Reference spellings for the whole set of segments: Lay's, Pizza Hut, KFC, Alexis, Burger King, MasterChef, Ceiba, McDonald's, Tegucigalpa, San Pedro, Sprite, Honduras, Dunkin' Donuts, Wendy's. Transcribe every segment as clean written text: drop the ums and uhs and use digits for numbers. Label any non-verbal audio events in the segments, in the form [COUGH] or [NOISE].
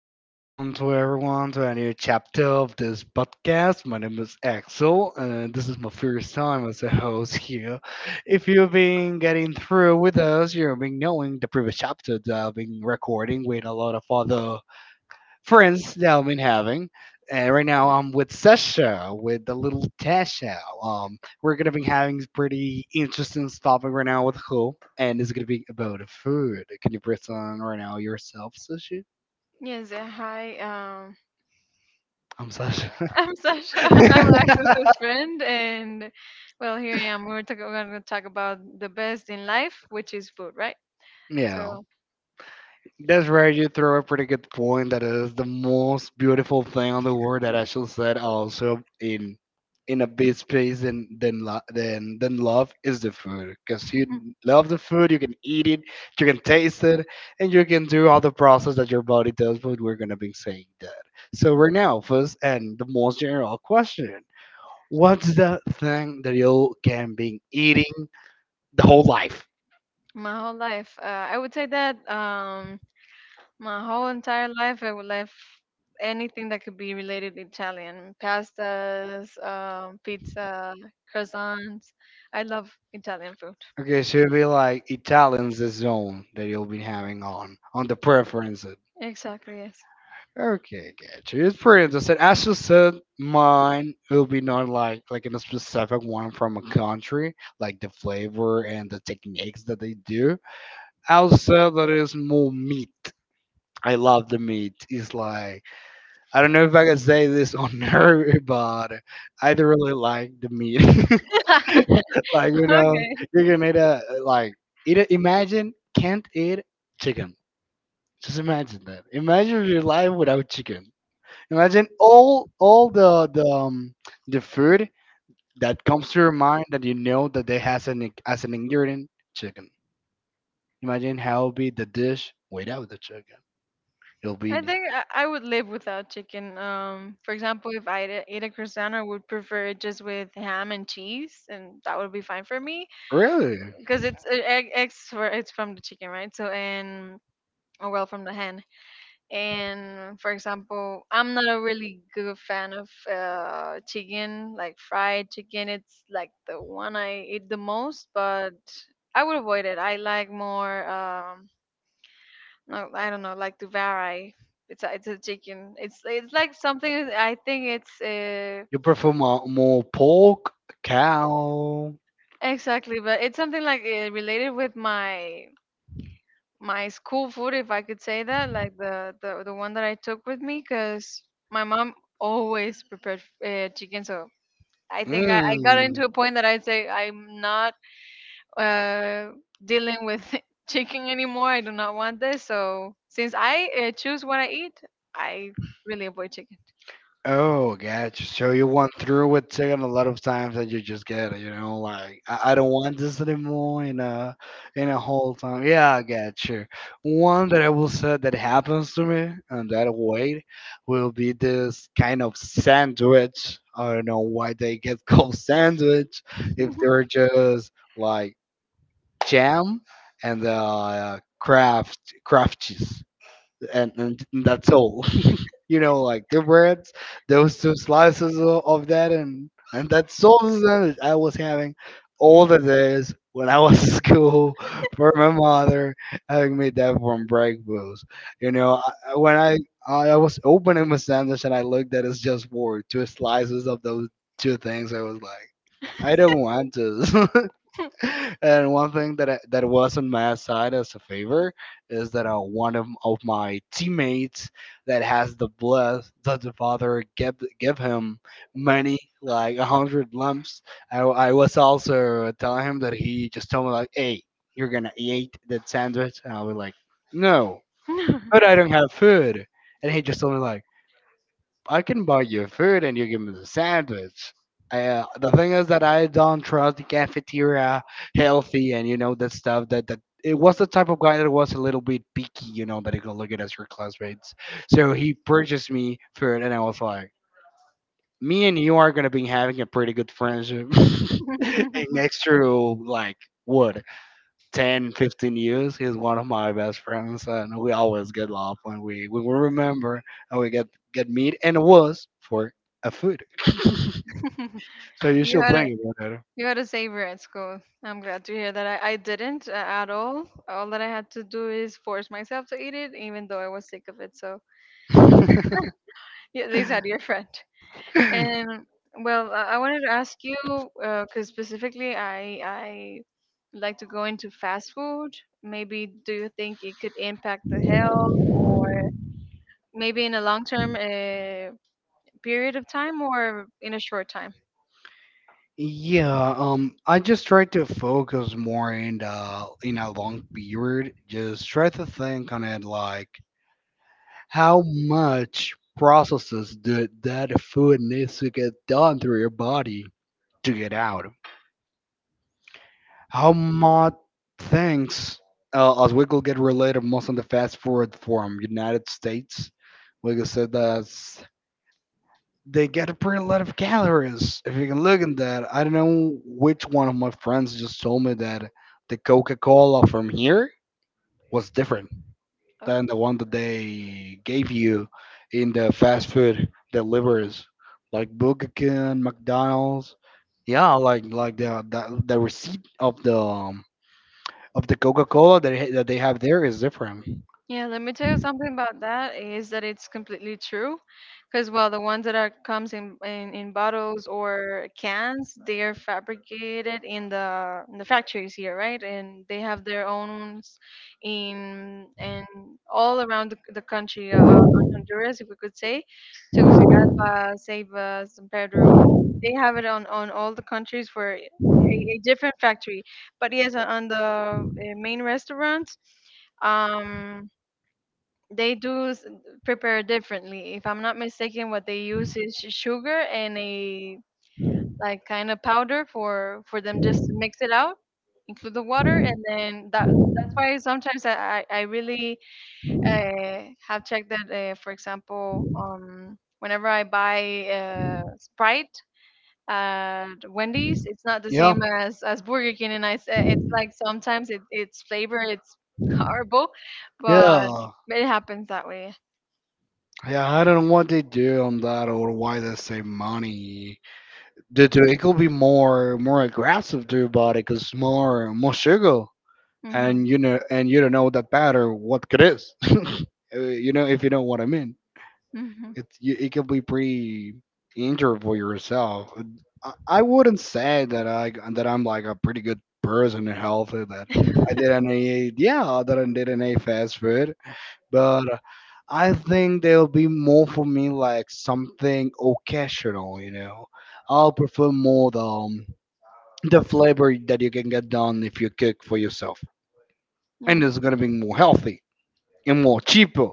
welcome to everyone to a new chapter of this podcast. My name is Axel, and this is my first time as a host here. If you've been getting through with us, you've been knowing the previous chapter that I've been recording with a lot of other friends that I've been having. And right now I'm with Sasha, with the little Tasha. We're gonna be having this pretty interesting topic right now with her, and it's gonna be about food. Can you press on right now yourself, Sasha? Yes, hi. I'm Sasha. [LAUGHS] I'm Sasha. [LAUGHS] I'm [LAUGHS] Alexis's friend, and well, here I am. We're going to talk about the best in life, which is food, right? Yeah, So, that's right. You throw a pretty good point. That is the most beautiful thing on the world that I should said. Also, in a big space than lo- than love is the food. Cause you love the food, you can eat it, you can taste it, and you can do all the process that your body does. But we're gonna be saying that. So right now, first and the most general question: what's the thing that you can be eating the whole life? my whole life, I would say that my whole entire life, I would love anything that could be related to Italian pastas, pizza, croissants. I love Italian food. Okay, so it'll be like Italian's the zone that you'll be having on the preferences. Exactly, yes. Okay, gotcha. It's pretty interesting. As you said, mine will be not like in a specific one from a country, like the flavor and the techniques that they do. I'll say that it's more meat. I love the meat. It's like I don't know if I can say this on [LAUGHS] air, but I do really like the meat. [LAUGHS] [LAUGHS] Like [LAUGHS] Okay. you're gonna need a like eat. A, imagine can't eat chicken. Just imagine that. Imagine your life without chicken. Imagine all the the food that comes to your mind that you know that they has as an ingredient chicken. Imagine how it'll be the dish without the chicken. It'll be I think I would live without chicken. For example, if I ate a croissant, I would prefer it just with ham and cheese, and that would be fine for me really. because it's eggs, for it's from the chicken, right? So, and, or well, from the hen. And for example, I'm not a really good fan of chicken, like fried chicken. It's like the one I eat the most, but I would avoid it. I like more no, I don't know, like the it's a, it's a chicken. It's like something. I think it's You prefer more pork, cow. exactly, but it's something like related with my school food, if I could say that, like the one that I took with me, because my mom always prepared chicken. So I think I got Mm. into a point that I'd say I'm not uh, dealing with [LAUGHS] chicken anymore. I do not want this. So since I choose what I eat, I really avoid chicken. Oh, gotcha. So you went through it too, and a lot of times that you just get it, like I don't want this anymore in a whole time. Yeah, I gotcha. One that I will say that happens to me and that way will be this kind of sandwich. I don't know why they get [LAUGHS] called sandwich if they're just like jam and craft cheese, and that's all, you know, like the breads, those two slices of that, and that sauce that I was having all the days when I was [LAUGHS] in school for my mother having me that for breakfast. You know, when I was opening my sandwich and I looked at it's just for two slices of those two things, I was like, I don't want this. [LAUGHS] [LAUGHS] And one thing that was on my side as a favor is that one of my teammates that has the bless that the father give him money like 100 lumps. I was also telling him that he just told me like, "Hey, you're gonna eat that sandwich," and I was like, "No, but [LAUGHS] I don't have food," and he just told me like I can buy you food and you give me the sandwich. The thing is that I don't trust the cafeteria healthy and you know that stuff, that it was the type of guy that was a little bit picky, you know, that he could look at as your classmates. So he purchased me food and I was like, me and you are gonna be having a pretty good friendship. [LAUGHS] And next to like what 10, 15 years. He's one of my best friends, and we always get love when we remember and we get meet, and it was for a food. [LAUGHS] So you You should had a think about you had a savior at school. I'm glad to hear that. I didn't, at all. All that I had to do is force myself to eat it, even though I was sick of it. So yeah, they said you're friend. it. [LAUGHS] And well, I wanted to ask you because specifically, I like to go into fast food. Maybe do you think it could impact the health, or maybe in a long term period of time, or in a short time? Yeah, I just try to focus more in a long period. Just try to think on it like how much processes do, that food needs to get done through your body to get out. How much things Oswego get related most on the fast forward forum, United States. Like I said, that's they get a pretty lot of calories. If you can look at that, I don't know which one of my friends just told me that the Coca Cola from here was different Oh. than the one that they gave you in the fast food deliveries, like Burger King, McDonald's. Yeah, like the receipt of the Coca Cola that that they have there is different. Yeah, let me tell you something about that is that it's completely true, because well, the ones that are comes in bottles or cans, they are fabricated in the factories here, right? And they have their own in, and all around the country, Honduras, if we could say, Tegucigalpa, Ceiba, San Pedro. They have it on all the countries for a different factory. But yes, on, the main restaurants um they prepare differently. If I'm not mistaken, what they use is sugar and a like kind of powder for them just to mix it out, include the water, and then that's why sometimes I really have checked that. For example, whenever I buy Sprite at Wendy's, it's not the Yeah, same as Burger King, and it's like sometimes its flavor it's [LAUGHS] horrible, but yeah, it happens that way. yeah. I don't know what they do on that or why they save money. Due to it could be more aggressive to your body because more sugar, and Mhm. you know, and you don't know that better what it is. [LAUGHS] You know if you know what I mean. Mhm. It can be pretty injured for yourself. I wouldn't say that I'm like a pretty good person and healthy. That I didn't eat, yeah, that I didn't eat fast food, but I think there'll be more for me like something occasional. You know, I'll prefer more the flavor that you can get done if you cook for yourself, Yeah. and it's gonna be more healthy and more cheaper,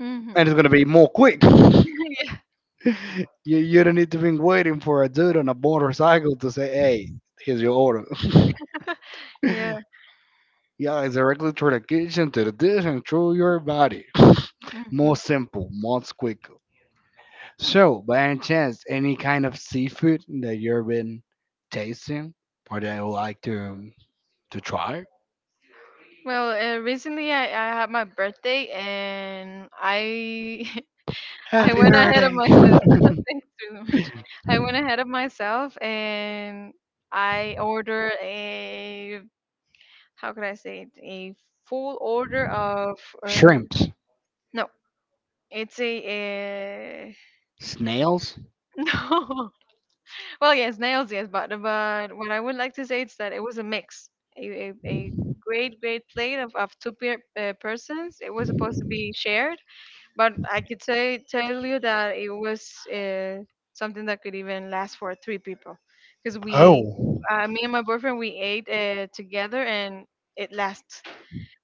Mhm. and it's gonna be more quick. [LAUGHS] Yeah. [LAUGHS] You don't need to be waiting for a dude on a motorcycle to say, "Hey, here's your order." [LAUGHS] Yeah. Yeah, it's directly through the kitchen to the dish and through your body. [LAUGHS] More Mhm. simple, more quick. So, by any chance, any kind of seafood that you've been tasting or that you would like to try? Well, recently I had my birthday and I [LAUGHS] I Happy went ahead birthday. of myself. [LAUGHS] [LAUGHS] Thanks so much. I went ahead of myself and I ordered a, how could I say it, a full order of Shrimps, no, it's a, uh snails. [LAUGHS] no. Well, yes, nails, yes, but what I would like to say is that it was a mix, a great plate of two peer, persons. It was supposed to be shared, but I could say tell you that it was uh, something that could even last for three people, because we, Oh. Me and my boyfriend, we ate together and it lasts.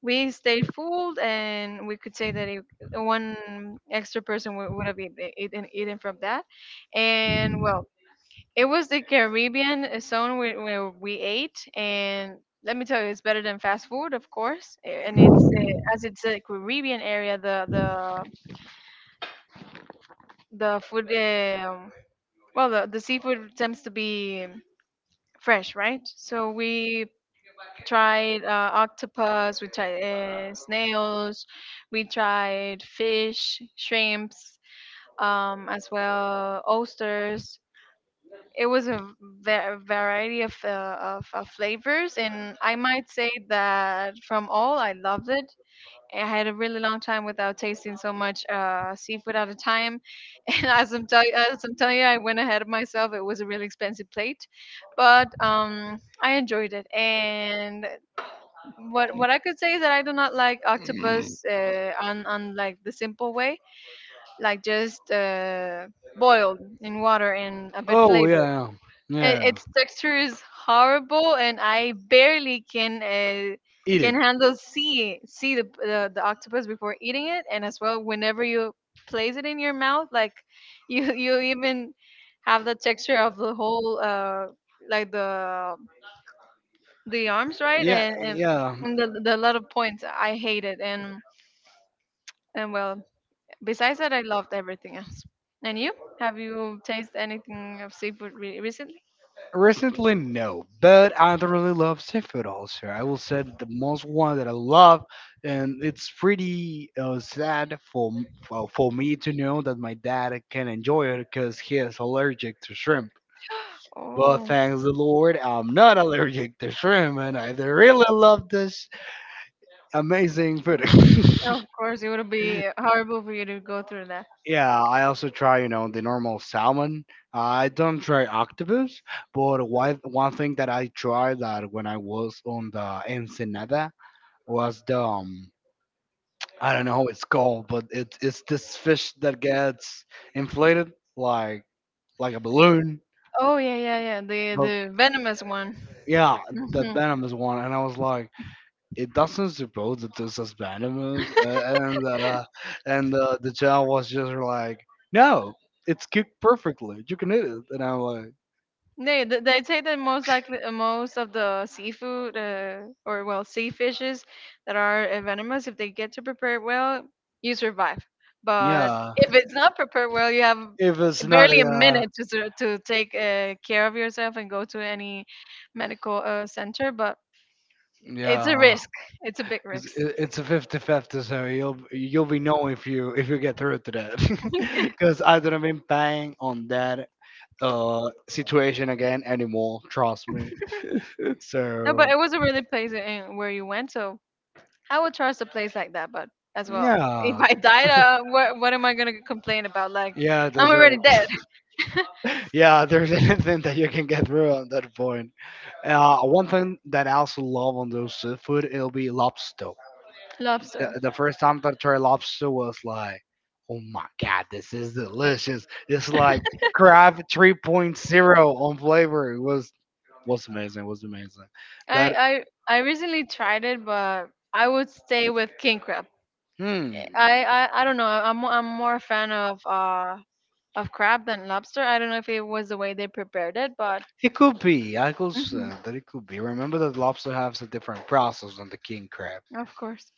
We stayed full, and we could say that one extra person would have eaten from that, and well it was the Caribbean zone where we ate, and let me tell you, it's better than fast food, of course. And it's, as it's a Caribbean area, the food, well, the seafood tends to be fresh, right? So we tried octopus, we tried snails, we tried fish, shrimps, as well, oysters. It was a variety of, of flavors, and I might say that from all, I loved it. I had a really long time without tasting so much seafood at a time, [LAUGHS] and as I'm telling you, I went ahead of myself. It was a really expensive plate, but I enjoyed it. And what I could say is that I do not like octopus, on like the simple way, like just boiled in water and a bit Oh flavored. yeah, yeah. Its texture is horrible and I barely Eat it. can handle see the, the octopus before eating it, and as well whenever you place it in your mouth, like [LAUGHS] you even have the texture of the whole like the arms, right? Yeah, yeah. And the lot of points I hate it, and well, besides that I loved everything else. And you, have you tasted anything of seafood recently? Recently, no, but I don't really love seafood also. I will say the most one that I love, and it's pretty sad for, m- for me to know that my dad can enjoy it because he is allergic to shrimp. But Oh. thanks the Lord, I'm not allergic to shrimp, and I really love this amazing food. Oh, of course, it would [LAUGHS] be horrible for you to go through that. Yeah, I also try the normal salmon. I don't try octopus, but one thing that I tried that when I was on the Ensenada was the I don't know how it's called, but it's this fish that gets inflated like a balloon. Oh yeah. The But venomous one. yeah, the Mhm. venomous one, and I was like, it doesn't suppose that this is venomous, and the child was just like, no, it's cooked perfectly. You can eat it. And I'm like, They they say that most likely, most of the seafood, or well, sea fishes that are venomous, if they get to prepare it well, you survive. But yeah. if it's not prepared well, you have If it's not barely a minute to to take care of yourself and go to any medical center. But it's yeah, a risk. It's a big it's risk. it's a 50-50. So you'll be knowing if you get through to that, [LAUGHS] [LAUGHS] because I don't have been paying on that situation again anymore. Trust me. No, So but it was a really place in where you went, so I would trust a place like that. But as well, if yeah, I died, [LAUGHS] what am I gonna complain about? Like, yeah, I'm that's already right. dead. Yeah, there's [LAUGHS] anything that you can get through on that point. One thing that I also love on those seafood, it'll be lobster. Lobster. The first time that I tried lobster was like, oh my god, this is delicious. It's like crab 3.0 on flavor. It was amazing. Was amazing. That, I recently tried it, but I would stay with king crab. hmm, I don't know. I'm more a fan of crab than lobster. I don't know if it was the way they prepared it, but it could be. I could Mhm. say that it could be. Remember that lobster has a different process than the king crab, Of course.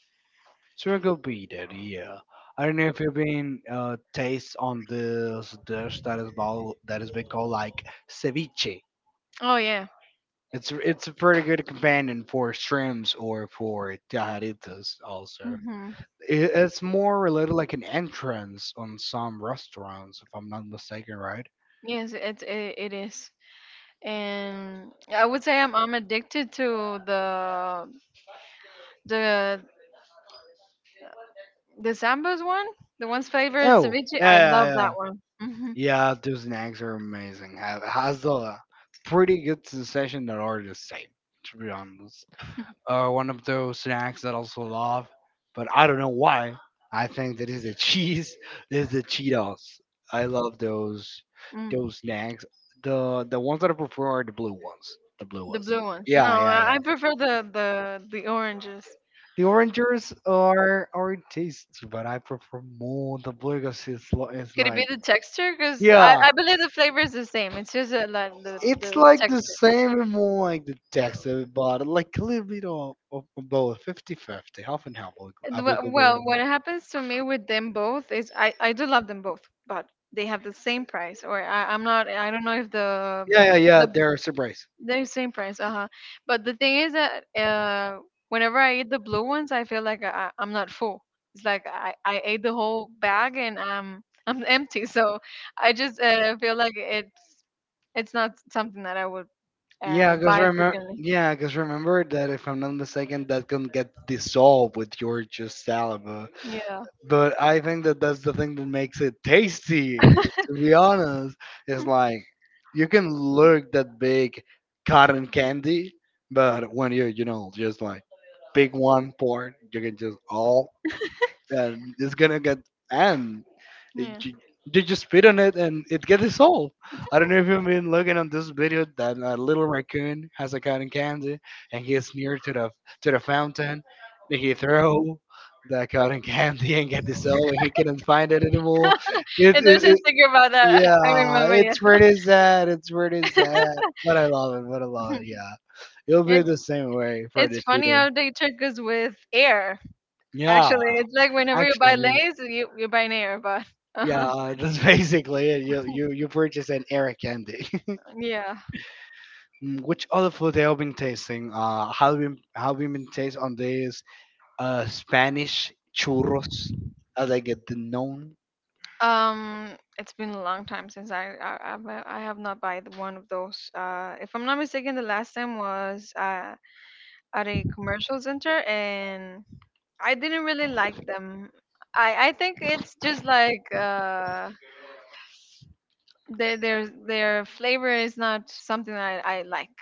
so it could be that. Yeah. I don't know if you've been taste on this dish that is ball, that has been called like ceviche. Oh yeah. It's a pretty good companion for shrimps or for tajaditas also. Hmm. It's more related like an entrance on some restaurants, if I'm not mistaken, right? Yes, it, it is. And I would say I'm addicted to the the Sambo's one, the one's flavored Oh, ceviche. yeah, I love yeah, that yeah. one. Hmm. Yeah, those snacks are amazing. Has a pretty good sensation that are the same, to be honest. One of those snacks that I also love, but I don't know why. I think that is the cheese, [LAUGHS] is the Cheetos. I love those Mm. those snacks. The ones that I prefer are the blue ones. The blue The ones. blue ones. Yeah, No, yeah, I yeah. prefer the oranges. The oranges are tasty, but I prefer more the blue because it's Could it be like the texture? Because yeah, I believe the flavor is the same. It's just like the it's like the texture. same and more like the texture, but like a little bit of both, 50-50, half and half. I would And I would go well, around. what happens to me with them both is I do love them both, but they have the same price. Or I'm not. I don't know if Yeah, yeah, yeah. the They're a surprise. the same price, uh-huh. But the thing is that whenever I eat the blue ones, I feel like I'm not full. It's like I ate the whole bag and I'm [LAUGHS] I'm empty. So I just feel like it's not something that I would Yeah, because buy remember, frequently. because remember that if I'm not mistaken, that can get dissolved with your just saliva. Yeah, But I think that that's the thing that makes it tasty. To be honest, it's like you can look that big cotton candy, but when you're, just like big one part, you can just all and it's gonna get and it, yeah. you, you just spit on it and it gets dissolved. I don't know if you've been looking on this video that a little raccoon has a cotton candy and he is near to the fountain and he throw the cotton candy and get dissolved and he couldn't find it anymore. [LAUGHS] [LAUGHS] It, And it, there's a it figure about that. [LAUGHS] I yeah, remember, yeah. it's pretty sad. It's pretty [LAUGHS] sad, but I love it. But I love it. Yeah, it'll be the It's same way for the funny theater. how [LAUGHS] they trick us with air. Yeah, Actually, it's like whenever you buy actually. Lay's, you buy an air, but [LAUGHS] uh-huh. Yeah, that's [LAUGHS] basically it. You purchase an air candy. [LAUGHS] Yeah. Mm, which other food have you been tasting? How we been taste on this Spanish churros, as I get them known. Um, it's been a long time since I have not bought one of those. If I'm not mistaken, the last time was at a commercial center, and I didn't really like them. I think it's just like their flavor is not something I like.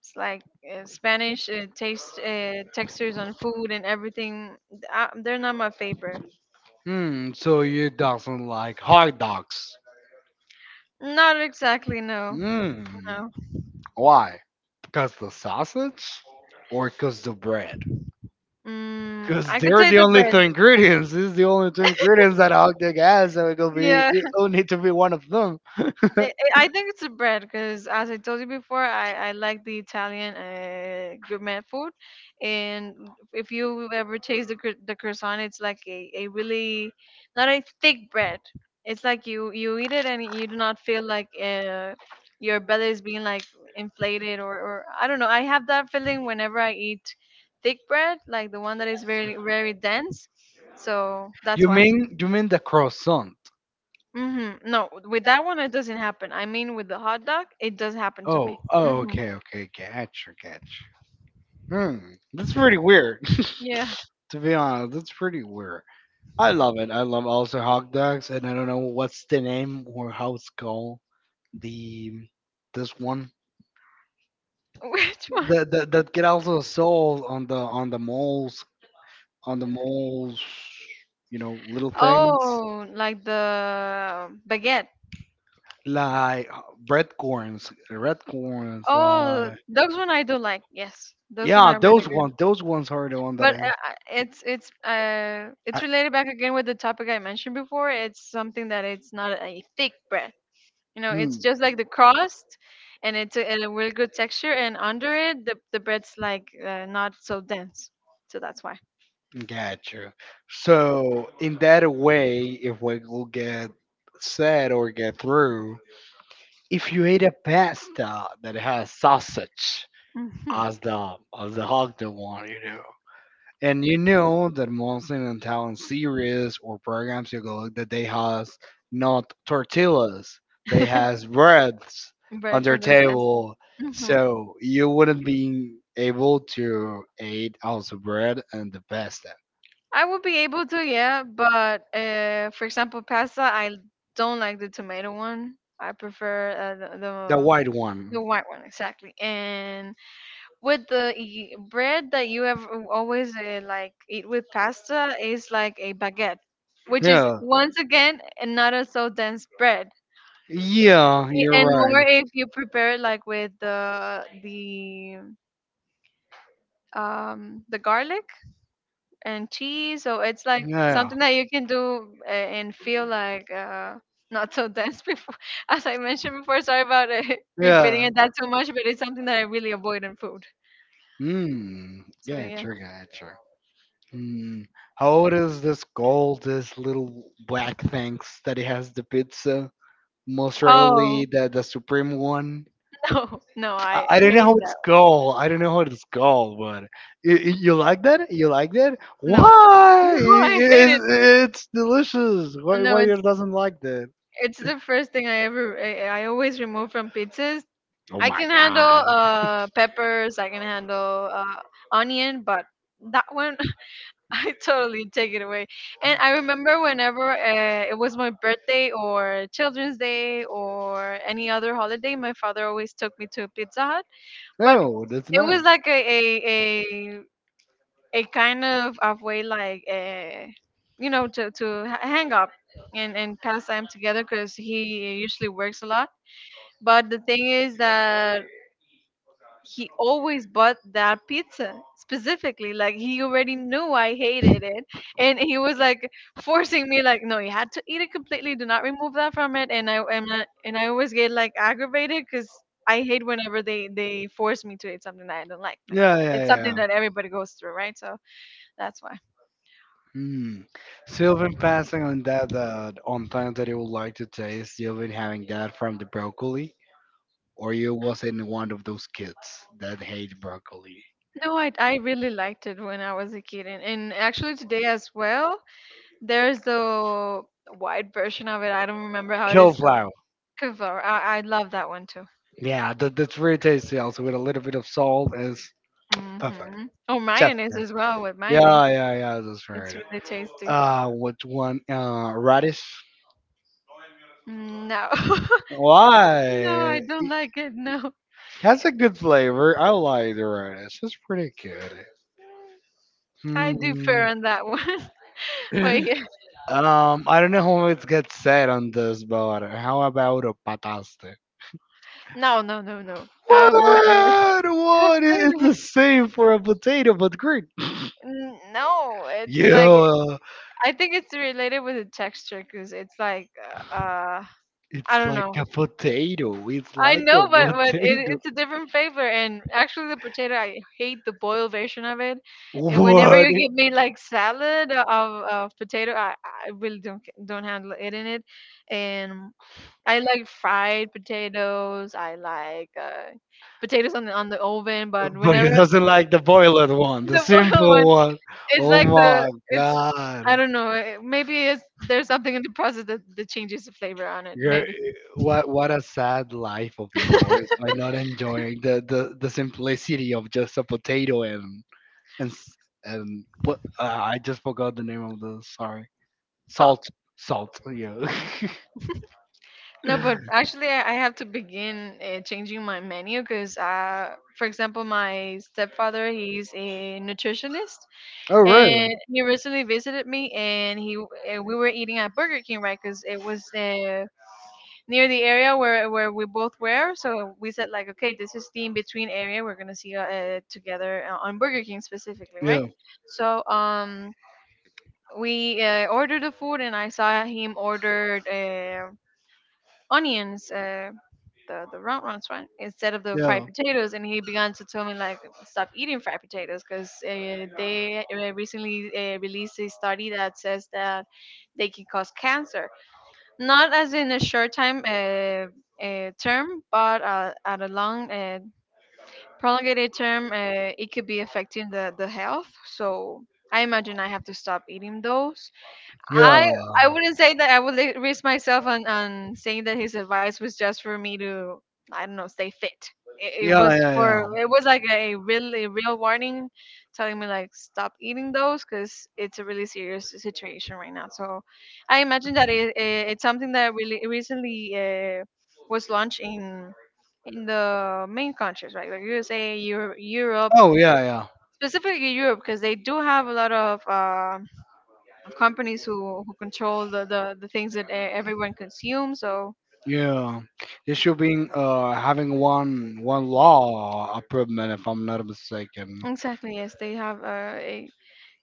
It's like Spanish taste, textures on food and everything. They're not my favorite. Hmm. So you doesn't like hot dogs. Not exactly. No. Hmm. No. Why? Because the sausage, or because the bread? Mm, Because I could they're say the the only bread. two ingredients. This is the only two ingredients that a hot dog has, so it will be Yeah, it will need to be one of them. [LAUGHS] I think it's the bread because, as I told you before, I like the Italian gourmet food, and if you ever taste the the croissant, it's like a really not a thick bread. It's like you, eat it and you do not feel like your belly is being like inflated, or I don't know. I have that feeling whenever I eat thick bread, like the one that is very, very dense. So that's You why. mean you mean the croissant? Mm-hmm. No, with that one it doesn't happen. I mean, with the hot dog, it does happen to me. Oh, oh, Mm-hmm. okay, okay, catch, catch. Hmm, that's pretty weird. Yeah. [LAUGHS] to be honest, that's pretty weird. I love it. I love also hot dogs, and I don't know what's the name or how it's called. The this one [LAUGHS] Which one? that that get also sold on the malls on the malls. Little things Oh, like the baguette. like red corns, Oh, like those one I do like. Yes, those one yeah, are really those good. ones. Those ones are the one that But I. It's it's I related back again with the topic I mentioned before. It's something that it's not a thick bread. You know, it's just like the crust, and it's a really good texture. And under it, the bread's like not so dense. So that's why. hmm, got you. So, in that way, if we will get said or get through, if you eat a pasta that has sausage Mhm. as the other one, and you know that most in Italian series or programs you go look that they has not tortillas, they has [LAUGHS] breads on Bread their for the pasta. table, Mhm. so you wouldn't be able to eat also bread and the pasta. I would be able to, yeah, but for example, pasta, I don't like the tomato one. I prefer the, The the white one. the white one exactly. And with the bread that you have always like eat with pasta is like a baguette, which is Yeah. once again not a so dense bread, Yeah, you're and more right. if you prepare it like with the the garlic and cheese. So it's like Yeah. something that you can do and feel like not so dense before. [LAUGHS] As I mentioned before, sorry about [LAUGHS] repeating Yeah. it that too much, but it's something that I really avoid in food. Hmm. So yeah. Gotcha, gotcha. Hmm. How old is this gold, this little black things that it has the pizza? Most Oh rarely the supreme one. [LAUGHS] No, no, I I I don't know hate how it's that. called. I don't know how it's called, but you like that? You like that? No, [LAUGHS] Why? no, I hate It's, it. it's delicious. Why No, why you doesn't like that? it's the first thing I always remove from pizzas. Oh I my can handle god! Peppers, I can handle onion, but that one I totally take it away. And I remember whenever it was my birthday or Children's Day or any other holiday, my father always took me to Pizza Hut. But Oh, that's it was nice. like a kind of way like you know to hang up and pass time together because he usually works a lot. But the thing is that he always bought that pizza specifically like he already knew I hated it and he was like forcing me like no you had to eat it completely do not remove that from it and and I always get like aggravated because I hate whenever they force me to eat something that I don't like Yeah, yeah, it's something yeah. that everybody goes through right so that's why Hmm. Sylvan passing on that on things that you would like to taste. Sylvan having that from the broccoli, or you wasn't one of those kids that hate broccoli. no I, I really liked it when I was a kid and actually today as well there's the white version of it I don't remember how it is called Cauliflower. Kevlar. I love that one too. Yeah, that's very tasty. Also with a little bit of salt is Mm perfect. hmm. Oh, Chef. mayonnaise as well with Yeah, yeah, mayonnaise. yeah, yeah, that's It's right. really tasty. What one? Radish. No. [LAUGHS] No, I Why? don't It like it. No. has a good flavor. I like the radish. It's pretty good. I do Hmm. fair on that one. [LAUGHS] But yeah. [LAUGHS] I don't know how it gets said on this, but how about a pataste? No, no, no, no. I avoid it What? [LAUGHS] What? It's the completely. same for a potato, but green. No, it's like Yeah. I think it's related with the texture because it's like uh I It's don't like know. a potato. It's I like know, a but but it, potato. it's a different flavor. And actually, the potato, I hate the boiled version of it. [LAUGHS] And whenever What? you give me like salad of potato, I really don't don't handle it in it. And I like fried potatoes. I like potatoes on the oven. But But whenever he doesn't [LAUGHS] like the boiled one, the [LAUGHS] the boiled simple one, one. it's Oh like the my it's I god. don't know. Maybe it's there's something in the process that changes the flavor on it. You're, Maybe eh, what a sad life of yours by not enjoying the simplicity of just a potato and and s- and what I just forgot the name of the, sorry, salt. salt. Salt, yeah. No, but [LAUGHS] actually, I have to begin changing my menu because, for example, my stepfather he's a nutritionist, Oh really? and he recently visited me, and he we were eating at Burger King, right? Because it was near the area where we both were, so we said like, okay, this is the in between area. We're gonna see together on Burger King specifically, right? Yeah So we ordered the food, and I saw him ordered. Onions, the round ones, right? Instead of the fried Yeah. potatoes, and he began to tell me like stop eating fried potatoes because they recently released a study that says that they can cause cancer, not as in a short time term, but at a long prolongated term, it could be affecting the health. So I imagine I have to stop eating those Yeah. I I wouldn't say that I would risk myself on saying that his advice was just for me to I don't know stay fit. It Yeah. was Yeah. Yeah. for it was like a really real warning, telling me like stop eating those because it's a really serious situation right now. So I imagine that it it's something that really recently was launched in the main countries, right? Like USA, Europe, Europe Oh yeah, specifically Europe because they do have a lot of. Of companies who control the things that everyone consumes. So yeah, yeah. It should be having one law improvement if I'm not mistaken. exactly, yes, they have a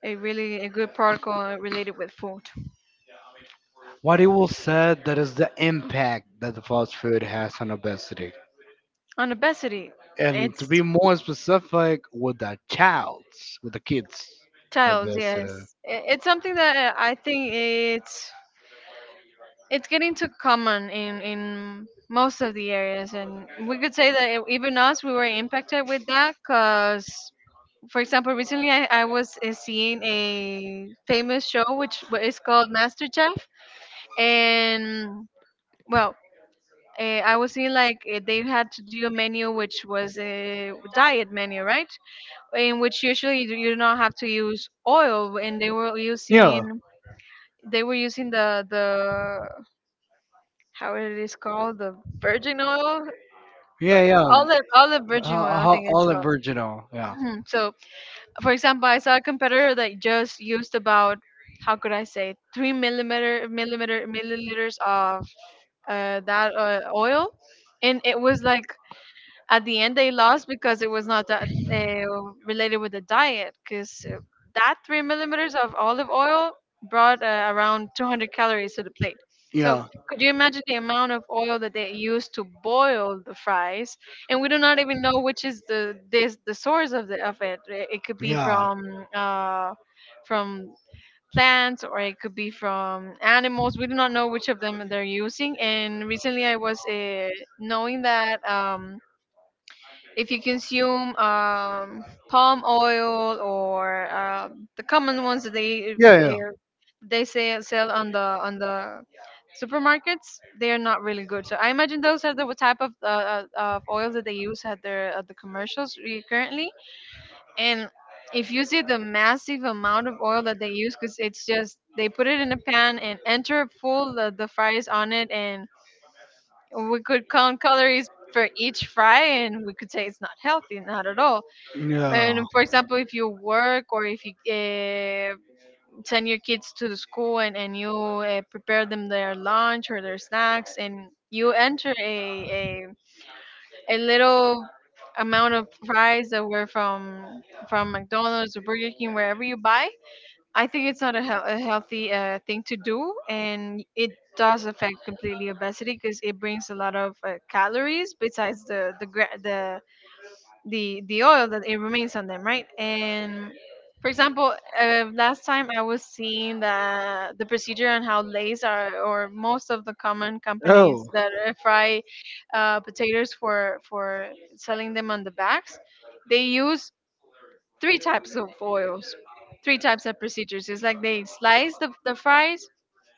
a really a good protocol related with food What it will said that is the impact that the fast food has on obesity, on obesity. and to It's be more specific, with the childs, with the kids. Child, Obesity. yes. It's something that I think it's getting too common in most of the areas, and we could say that even us we were impacted with that. Cause, for example, recently I was seeing a famous show which is called MasterChef, and well uh, I was seeing like they had to do a menu which was a diet menu right in which usually you you do not have to use oil and they were Yeah, using the how it is called the virgin oil yeah, but yeah. Olive virgin oil Ho- I ho- think it's olive called. virginal. Yeah, Mhm. So for example I saw a competitor that just used about how could I say three millimeter millimeter milliliters of that oil, and it was like at the end they lost because it was not that related with the diet. Because that 3 millimeters of olive oil brought around 200 calories to the plate. So yeah, could you imagine the amount of oil that they used to boil the fries? And we do not even know which is the this the source of the of it. It could be yeah, uh, from plants or it could be from animals. We do not know which of them they're using. And recently, I was knowing that if you consume palm oil or the common ones that yeah, they say sell on the supermarkets, they are not really good. So I imagine those are the type of oils that they use at their at the commercials currently and if you see the massive amount of oil that they use because it's just they put it in a pan and enter full the fries on it and we could count calories for each fry and we could say it's not healthy not at all yeah. and for example if you work or if you send your kids to the school and you prepare them their lunch or their snacks and you enter a little amount of fries that were from McDonald's or Burger King, wherever you buy. I think it's not a, a healthy thing to do, and it does affect completely obesity because it brings a lot of calories besides the gra- the oil that it remains on them, right? And for example, last time I was seeing that the procedure on how Lay's are, or most of the common Yeah. Oh, companies that fry potatoes for selling them on the bags, they use 3 types of oils, 3 types of procedures. It's like they slice the fries,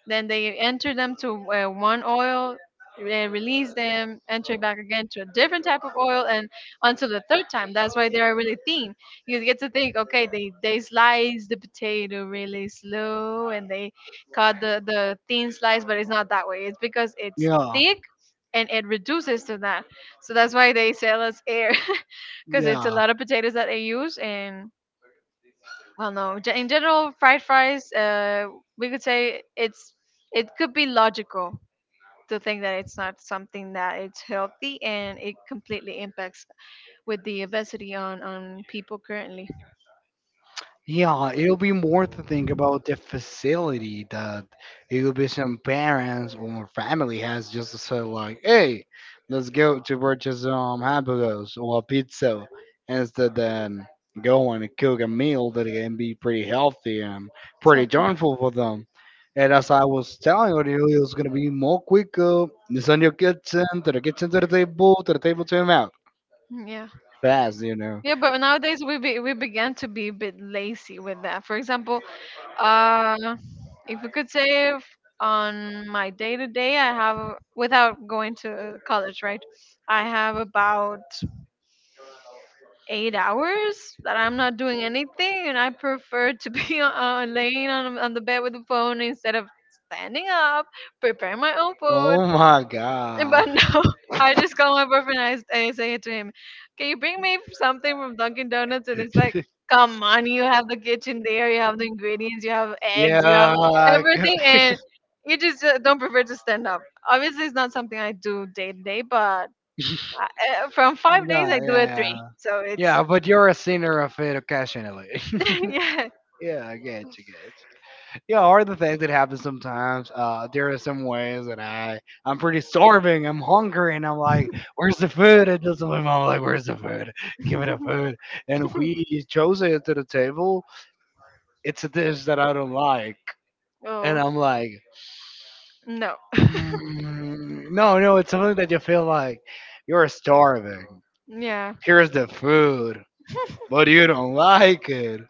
then they enter them to one oil, release them, enter back again to a different type of oil, and until the third time. That's why they're really thin. You get to think, okay, they slice the potato really slow and they cut the thin slice, but it's not that way. It's because it's yeah, thick and it reduces to that. So that's why they sell us air [LAUGHS] because it's a yeah, lot of potatoes that they use and well no in general fried fries we could say it's it could be logical to think that it's not something that it's healthy and it completely impacts with the obesity on people currently yeah, it'll be more to think about the facility that it will be some parents or family has just to say like, hey, let's go to purchase hamburgers or pizza instead than going and cook a meal that can be pretty healthy and pretty exactly. joyful for them. And as I was telling you, it was gonna be more quicker. It's on your kitchen to the table, to the table to your mouth. Mm, yeah. Fast, you know. Yeah, but nowadays we began to be a bit lazy with that. For example, uh, if we could save on my day to day, I have without going to college, right? I have about 8 hours that I'm not doing anything, and I prefer to be [LAUGHS] laying on the bed with the phone instead of standing up, preparing my own food, Oh my but no, god. [LAUGHS] I just call my boyfriend and I say to him, can you bring me something from Dunkin' Donuts? And it's like, [LAUGHS] come on, you have the kitchen there, you have the ingredients, you have eggs, you have yeah, everything, [LAUGHS] yeah, and you just don't prefer to stand up. Obviously, it's not something I do day to day, but from 5 days, yeah, I do it 3. yeah. So it's, Yeah, but you're a sinner of it occasionally. [LAUGHS] [LAUGHS] yeah. yeah, I get you, get you. Yeah, are the things that happen sometimes. There are some ways that I, I'm pretty starving. I'm hungry, and I'm like, "Where's the food?" And just my mom like, "Where's the food? Give me the food." And we chose it to the table. It's a dish that I don't like, and Oh, I'm like. no. Mm, no, no, it's something that you feel like you're starving. Yeah. Here's the food, but you don't like it.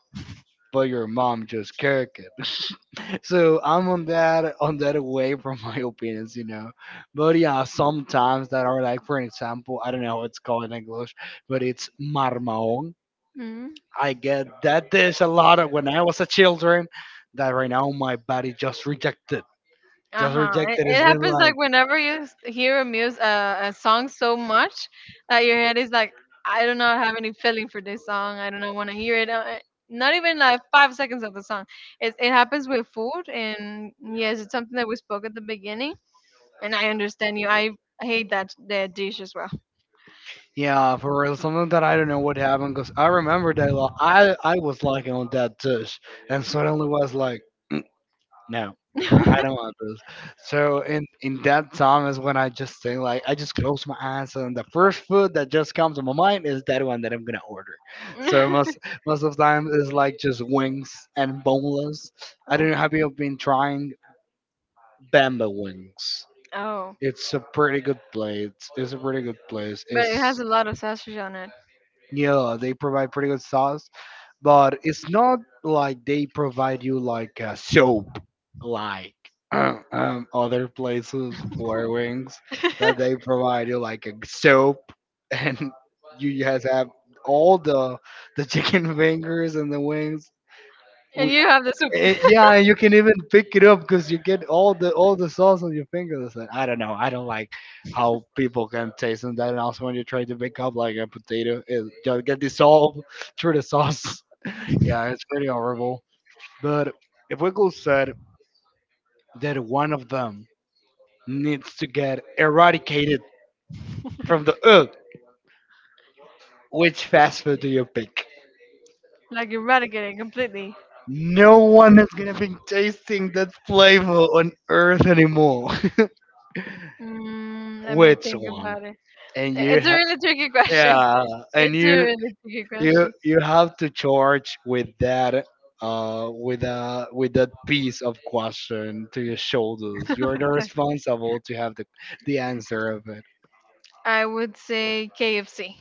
But your mom just cooked it. [LAUGHS] So I'm on that way from my opinions, you know. But yeah, sometimes that are like, for example, I don't know what it's called in English, but it's marmaon. Mm-hmm. I get that dish a lot of when I was a children. That right now my body just rejected, just Uh-huh. It, rejected. it It's been happens like like, whenever you hear a music a song so much that your head is like, I do not have any feeling for this song. I do not want to hear it. Not even like 5 seconds of the song. It happens with food, and yes, it's something that we spoke at the beginning. And I understand you. I hate that dish as well. yeah, for real, something that I don't know what happened because I remember that I was liking on that dish, and suddenly was like, no, I, [LAUGHS] I don't want this. So in that time is when I just think like I just close my eyes and the first food that just comes to my mind is that one that I'm gonna order. So most of the time is like just wings and boneless. I don't know, have you been trying Bamba wings? Oh, It's a pretty good place. It's a pretty good place. but it has It's a lot of sausage on it, yeah, they provide pretty good sauce but it's not like they provide you like a soap like [CLEARS THROAT] other places for wings [LAUGHS] that they provide you like a soap [LAUGHS] and you just have all the chicken [LAUGHS] fingers and the wings and we, you have the soup. Yeah, you can even pick it up because you get all the sauce on your fingers. And I don't know, I don't like how people can taste and that and also when you try to pick up like a potato it just get dissolved through the [LAUGHS] sauce. Yeah, it's pretty horrible. But if Wiggles said that one of them needs to get eradicated from the earth, which fast food do you pick? Like eradicated completely. No one is gonna be tasting that flavor on earth anymore. Mm, [LAUGHS] let me Which think one? about it. And you It's a have really tricky question. yeah, [LAUGHS] and It's a you really tricky you question. you have to charge with that with that piece of question to your shoulders. You're the [LAUGHS] responsible to have the answer of it. I would say KFC,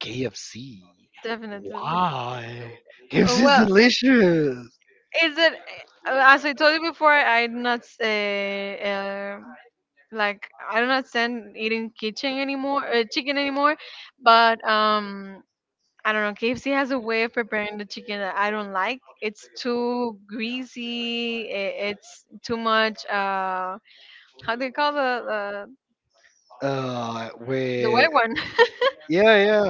KFC. definitely. Why? KFC is Well, delicious. is it as I told you before? I'm not say uh, like I do not stand eating kitchen anymore, chicken anymore. But I don't know. KFC has a way of preparing the chicken that I don't like. It's too greasy. It's too much. How do you call the the With white one? yeah, yeah,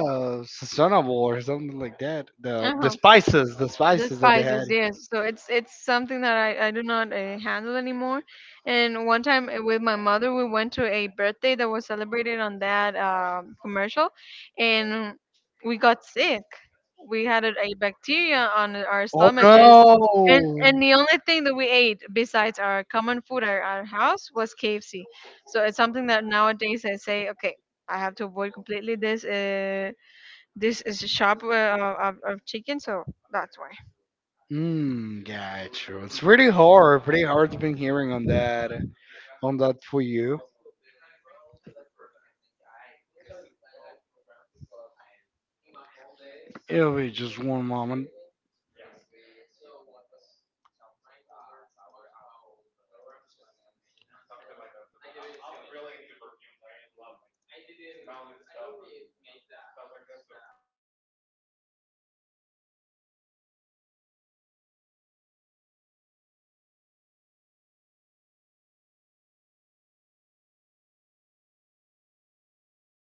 sazonable or something like that. The Uh-huh. spices, the The spices that they had. spices, yes. So it's something that I do not handle anymore. And one time with my mother, we went to a birthday that was celebrated on that commercial, and we got sick. We had a bacteria on our Oh stomaches, no. and the only thing that we ate besides our common food at our house was KFC. So it's something that nowadays I say, okay, I have to avoid completely this. This is a shop of chicken, so that's why. Mm, yeah, true. It's pretty hard to be hearing on that for you. It'll be just one moment.